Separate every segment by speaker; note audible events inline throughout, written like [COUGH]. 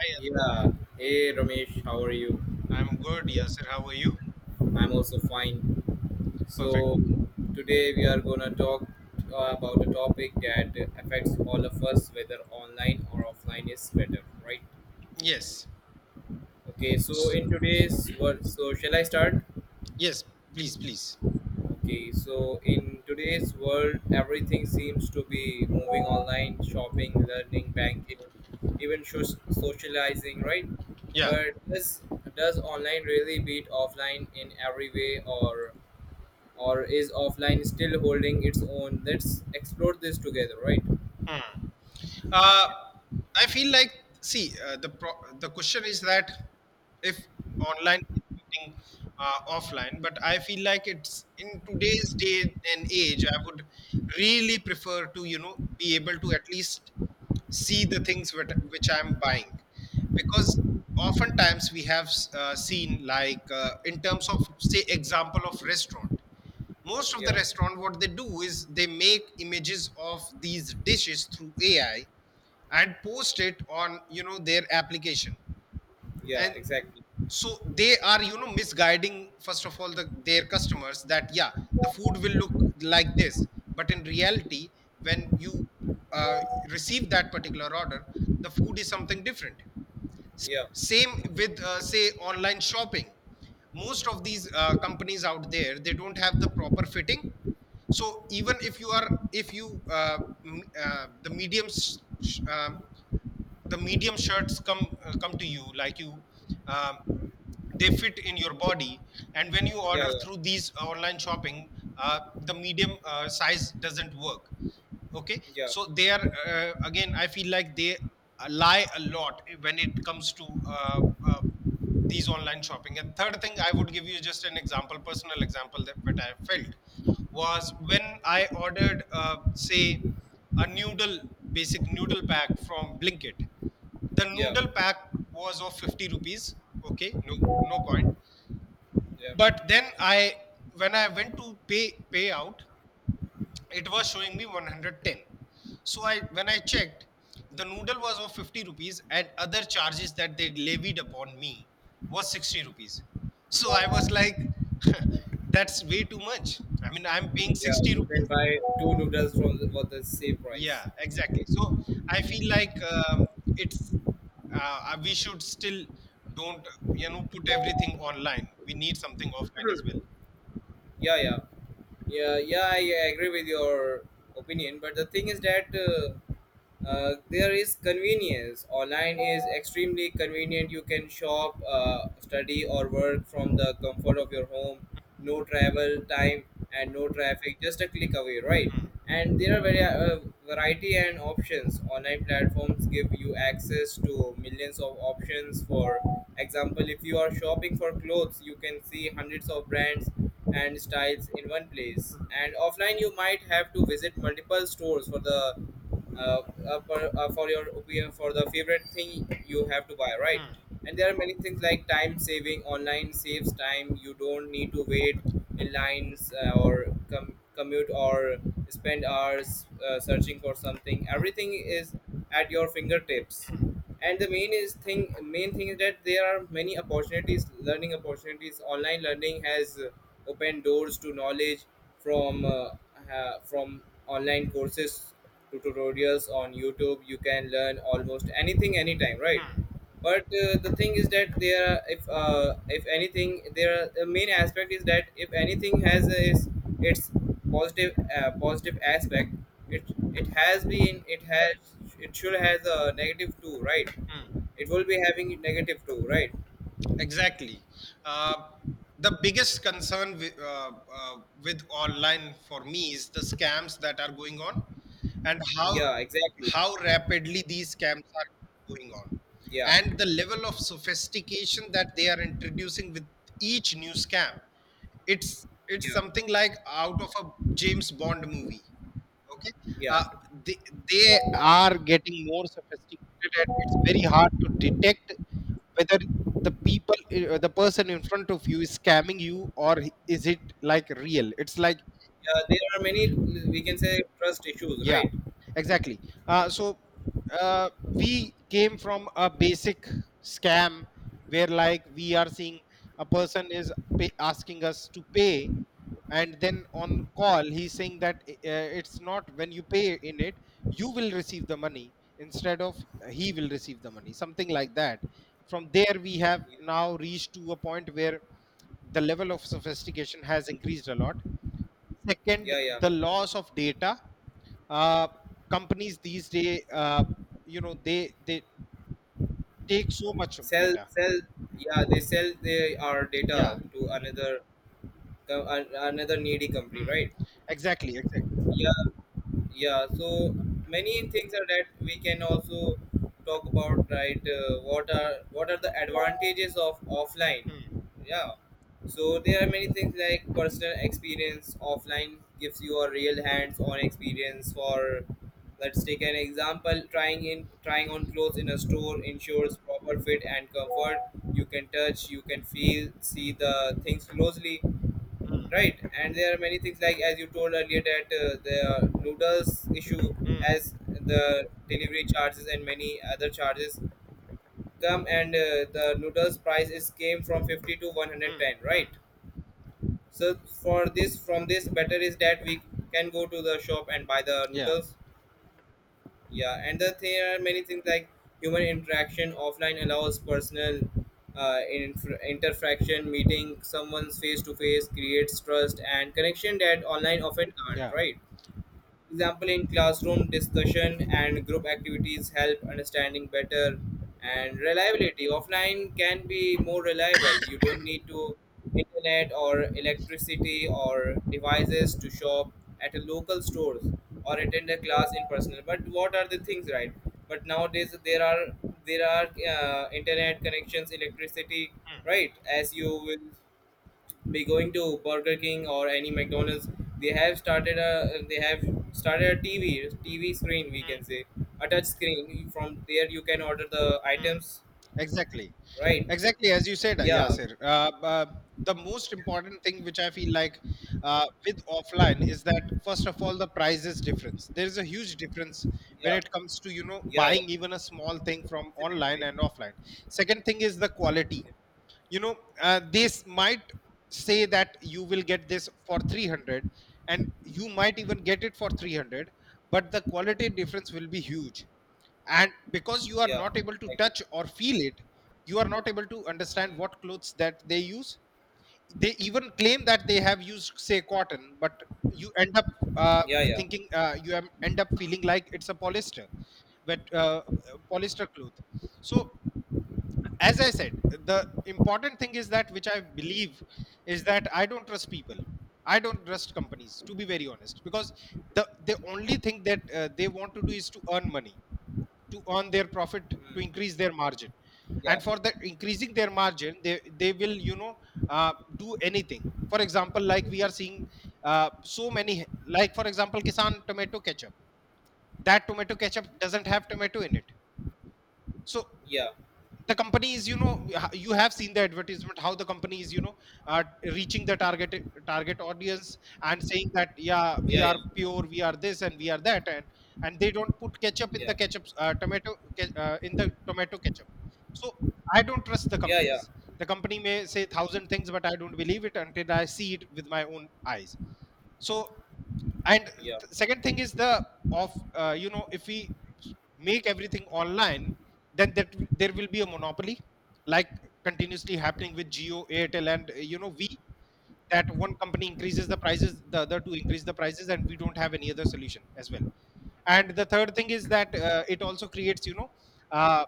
Speaker 1: Hi,
Speaker 2: Yeah. Hey Ramesh, how are you?
Speaker 1: Yasir. I'm good, Yasir. How are you?
Speaker 2: I'm also fine.
Speaker 1: Perfect.
Speaker 2: So today we are gonna talk about a topic that affects all of us, whether online or offline is better, right?
Speaker 1: Yes.
Speaker 2: Okay. So
Speaker 1: S-
Speaker 2: in today's world, so shall I start?
Speaker 1: Yes, please, please.
Speaker 2: Okay. So in today's world, everything seems to be moving online: shopping, learning, banking, even socializing, right?
Speaker 1: Yeah.
Speaker 2: But does online really beat offline in every way, or is offline still holding its own. Let's explore this together, right?
Speaker 1: uh,
Speaker 2: Yeah.
Speaker 1: I feel like see, the question is that if online is beating offline. But I feel like it's in today's day and age, I would really prefer to you know be able to at least see the things which, I'm buying, because oftentimes we have seen like, in terms of say example of restaurant, most of the
Speaker 2: Yeah,
Speaker 1: restaurant what they do is they make images of these dishes through ai and post it on you know their application.
Speaker 2: yeah,
Speaker 1: And
Speaker 2: exactly.
Speaker 1: So they are you know misguiding first of all their customers that yeah, the food will look like this, but in reality when you uh, receive that particular order, the food is something different.
Speaker 2: Yeah,
Speaker 1: Same with say online shopping. Most of these companies out there, they don't have the proper fitting. So even if you are, if you m- the medium s- sh- the medium shirts come to you, like you, um, they fit in your body. And when
Speaker 2: yeah,
Speaker 1: you order
Speaker 2: yeah,
Speaker 1: through these online shopping, the medium size doesn't work. Okay,
Speaker 2: yeah,
Speaker 1: so they are, again I feel like they lie a lot when it comes to uh, these online shopping. And third thing, I would give you just an example, personal example, that I felt, was when I ordered say a noodle, basic noodle pack from blinkit. The noodle pack was of 50 rupees, okay, no no point. But
Speaker 2: yeah,
Speaker 1: then I, when I went to pay pay out, it was showing me 110. So I, when I checked, the noodle was of 50 rupees and other charges that they levied upon me was 60 rupees. So I was like, [LAUGHS] that's way too much. I mean, I'm paying
Speaker 2: yeah.
Speaker 1: 60
Speaker 2: You can
Speaker 1: rupees.
Speaker 2: buy two noodles from for the same price.
Speaker 1: Yeah, exactly. So I feel like, it's, we should still don't you know put everything online. We need something offline as well.
Speaker 2: Yeah, yeah, yeah, yeah. I agree with your opinion, but the thing is that there is convenience. Online is extremely convenient. You can shop, study or work from the comfort of your home, no travel time and no traffic, just a click away, right? And there are very variety and options. Online platforms give you access to millions of options. For example, if you are shopping for clothes, you can see hundreds of brands and styles in one place, and offline you might have to visit multiple stores for the uh, for your opinion, for the favorite thing you have to buy, right? And there are many things like time saving. Online saves time. You don't need to wait lines, or commute or spend hours searching for something. Everything is at your fingertips. And the main thing is that there are many opportunities, learning opportunities. Online learning has opened doors to knowledge, from uh, from online courses to tutorials on YouTube. You can learn almost anything anytime, right? But the thing is that there are, if anything, there are, the main aspect is that if anything has a, its its positive positive aspect, it it has been, it has, it should has a negative too, right?
Speaker 1: Hmm.
Speaker 2: It will be having negative too, right?
Speaker 1: Exactly. Uh, the biggest concern uh, with online for me is the scams that are going on, and
Speaker 2: Yeah, exactly.
Speaker 1: how rapidly these scams are going on,
Speaker 2: Yeah,
Speaker 1: and the level of sophistication that they are introducing with each new scam. It's
Speaker 2: yeah,
Speaker 1: something like out of a James Bond movie. Okay,
Speaker 2: yeah,
Speaker 1: uh, they are getting more sophisticated, and it's very hard to detect whether the people, the person in front of you is scamming you or is it like real. It's like,
Speaker 2: yeah. There are many, we can say, trust issues,
Speaker 1: yeah,
Speaker 2: right?
Speaker 1: exactly. Uh, so uh, we came from a basic scam where, like, we are seeing a person is asking us to pay, and then on call he's saying that it's not, when you pay in it, you will receive the money instead of, he will receive the money, something like that. From there, we have
Speaker 2: Yeah,
Speaker 1: now reached to a point where the level of sophistication has increased a lot. Second,
Speaker 2: yeah, yeah.
Speaker 1: the loss of data. Uh, Companies these days, you know, they take so much of
Speaker 2: sell
Speaker 1: data.
Speaker 2: sell yeah, they sell their our data
Speaker 1: Yeah,
Speaker 2: to another another needy company,
Speaker 1: mm,
Speaker 2: right?
Speaker 1: exactly, exactly.
Speaker 2: Yeah, yeah. So many things are that we can also talk about, right? What are the advantages of offline?
Speaker 1: Mm,
Speaker 2: Yeah. So there are many things like personal experience. Offline gives you a real hands-on experience. For, let's take an example, trying on clothes in a store ensures proper fit and comfort. You can touch, you can feel, see the things closely,
Speaker 1: mm,
Speaker 2: right? And there are many things like, as you told earlier, that the noodles issue,
Speaker 1: mm,
Speaker 2: as the delivery charges and many other charges come, and the noodles price is came from 50 to
Speaker 1: mm,
Speaker 2: 110, right?
Speaker 1: mm.
Speaker 2: So for this, from this, better is that we can go to the shop and buy the
Speaker 1: Yeah,
Speaker 2: noodles. Yeah, and the, there are many things like human interaction. Offline allows personal interaction. Meeting someone's face to face creates trust and connection that online often can't,
Speaker 1: yeah.
Speaker 2: right? Example, in classroom discussion and group activities help understanding better. And reliability. Offline can be more reliable. You don't need to internet or electricity or devices to shop at a local stores or attend a class in person. But what are the things, right? But nowadays there are, internet connections, electricity,
Speaker 1: Mm,
Speaker 2: right? As you will be going to Burger King or any McDonald's, they have started a, TV screen, we
Speaker 1: mm,
Speaker 2: can say, a touch screen. From there you can order the
Speaker 1: mm.
Speaker 2: items,
Speaker 1: Exactly,
Speaker 2: right?
Speaker 1: exactly, as you said,
Speaker 2: Yeah,
Speaker 1: Yasir. The most important thing which I feel like with offline, is that first of all, the prices difference, there is a huge difference when
Speaker 2: yeah,
Speaker 1: it comes to you know
Speaker 2: yeah, yeah.
Speaker 1: buying even a small thing from online and
Speaker 2: It's,
Speaker 1: offline. Second thing is the quality, you know. This might say that you will get this for 300 and you might even get it for 300, but the quality difference will be huge. And because you are
Speaker 2: yeah,
Speaker 1: not able to
Speaker 2: exactly.
Speaker 1: touch or feel it, you are not able to understand
Speaker 2: Mm.
Speaker 1: what clothes that they use. They even claim that they have used say cotton, but you end up uh,
Speaker 2: Yeah, yeah,
Speaker 1: end up feeling like it's a polyester, but polyester cloth. So as I said, the important thing is that, which I believe, is that I don't trust people, I don't trust companies, to be very honest, because the only thing that they want to do is to earn money, to earn their profit, to
Speaker 2: mm.
Speaker 1: increase their margin.
Speaker 2: Yeah,
Speaker 1: And for the increasing their margin, they will you know do anything. For example, like we are seeing so many, like for example, kisan tomato ketchup, that tomato ketchup doesn't have tomato in it. So
Speaker 2: yeah, yeah,
Speaker 1: the company is you know, you have seen the advertisement how the company is you know uh, reaching the target, target audience, and saying that yeah, we
Speaker 2: yeah,
Speaker 1: are pure, we are this and we are that. And they don't put ketchup in the
Speaker 2: yeah,
Speaker 1: ketchup, in the tomato ketchup. So I don't trust the
Speaker 2: yeah,
Speaker 1: companies. The company may say thousand things, but I don't believe it until I see it with my own eyes. so
Speaker 2: yeah,
Speaker 1: Second thing is the of, you know, if we make everything online, then there will be a monopoly, like continuously happening with Geo, Airtel, and you know we, that one company increases the prices, the other two increase the prices, and we don't have any other solution as well. And the third thing is that it also creates you know uh,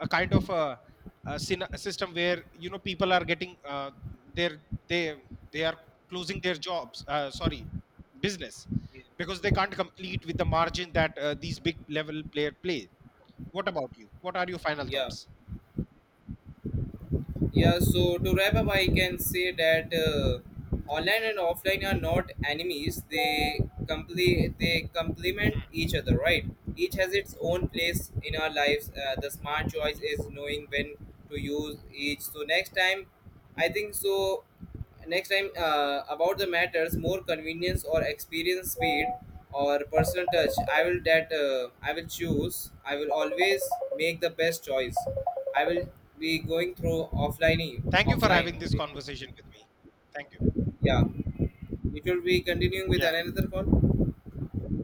Speaker 1: a kind of a, a system where you know people are getting their they they are closing their jobs, sorry, business,
Speaker 2: yeah,
Speaker 1: because they can't complete with the margin that these big level player plays. What about you? What are your final
Speaker 2: yeah.
Speaker 1: thoughts?
Speaker 2: Yeah, so to wrap up, I can say that online and offline are not enemies. They complement
Speaker 1: Mm.
Speaker 2: each other, right? Each has its own place in our lives. The smart choice is knowing when to use each. So next time, I think so, next time about the matters more, convenience or experience, speed or personal touch, I will choose, I will always make the best choice. I will be going through offline,
Speaker 1: Thank you for
Speaker 2: offline
Speaker 1: having this
Speaker 2: only.
Speaker 1: conversation with me. Thank you.
Speaker 2: Yeah, it will be continuing with
Speaker 1: Yeah.
Speaker 2: another call.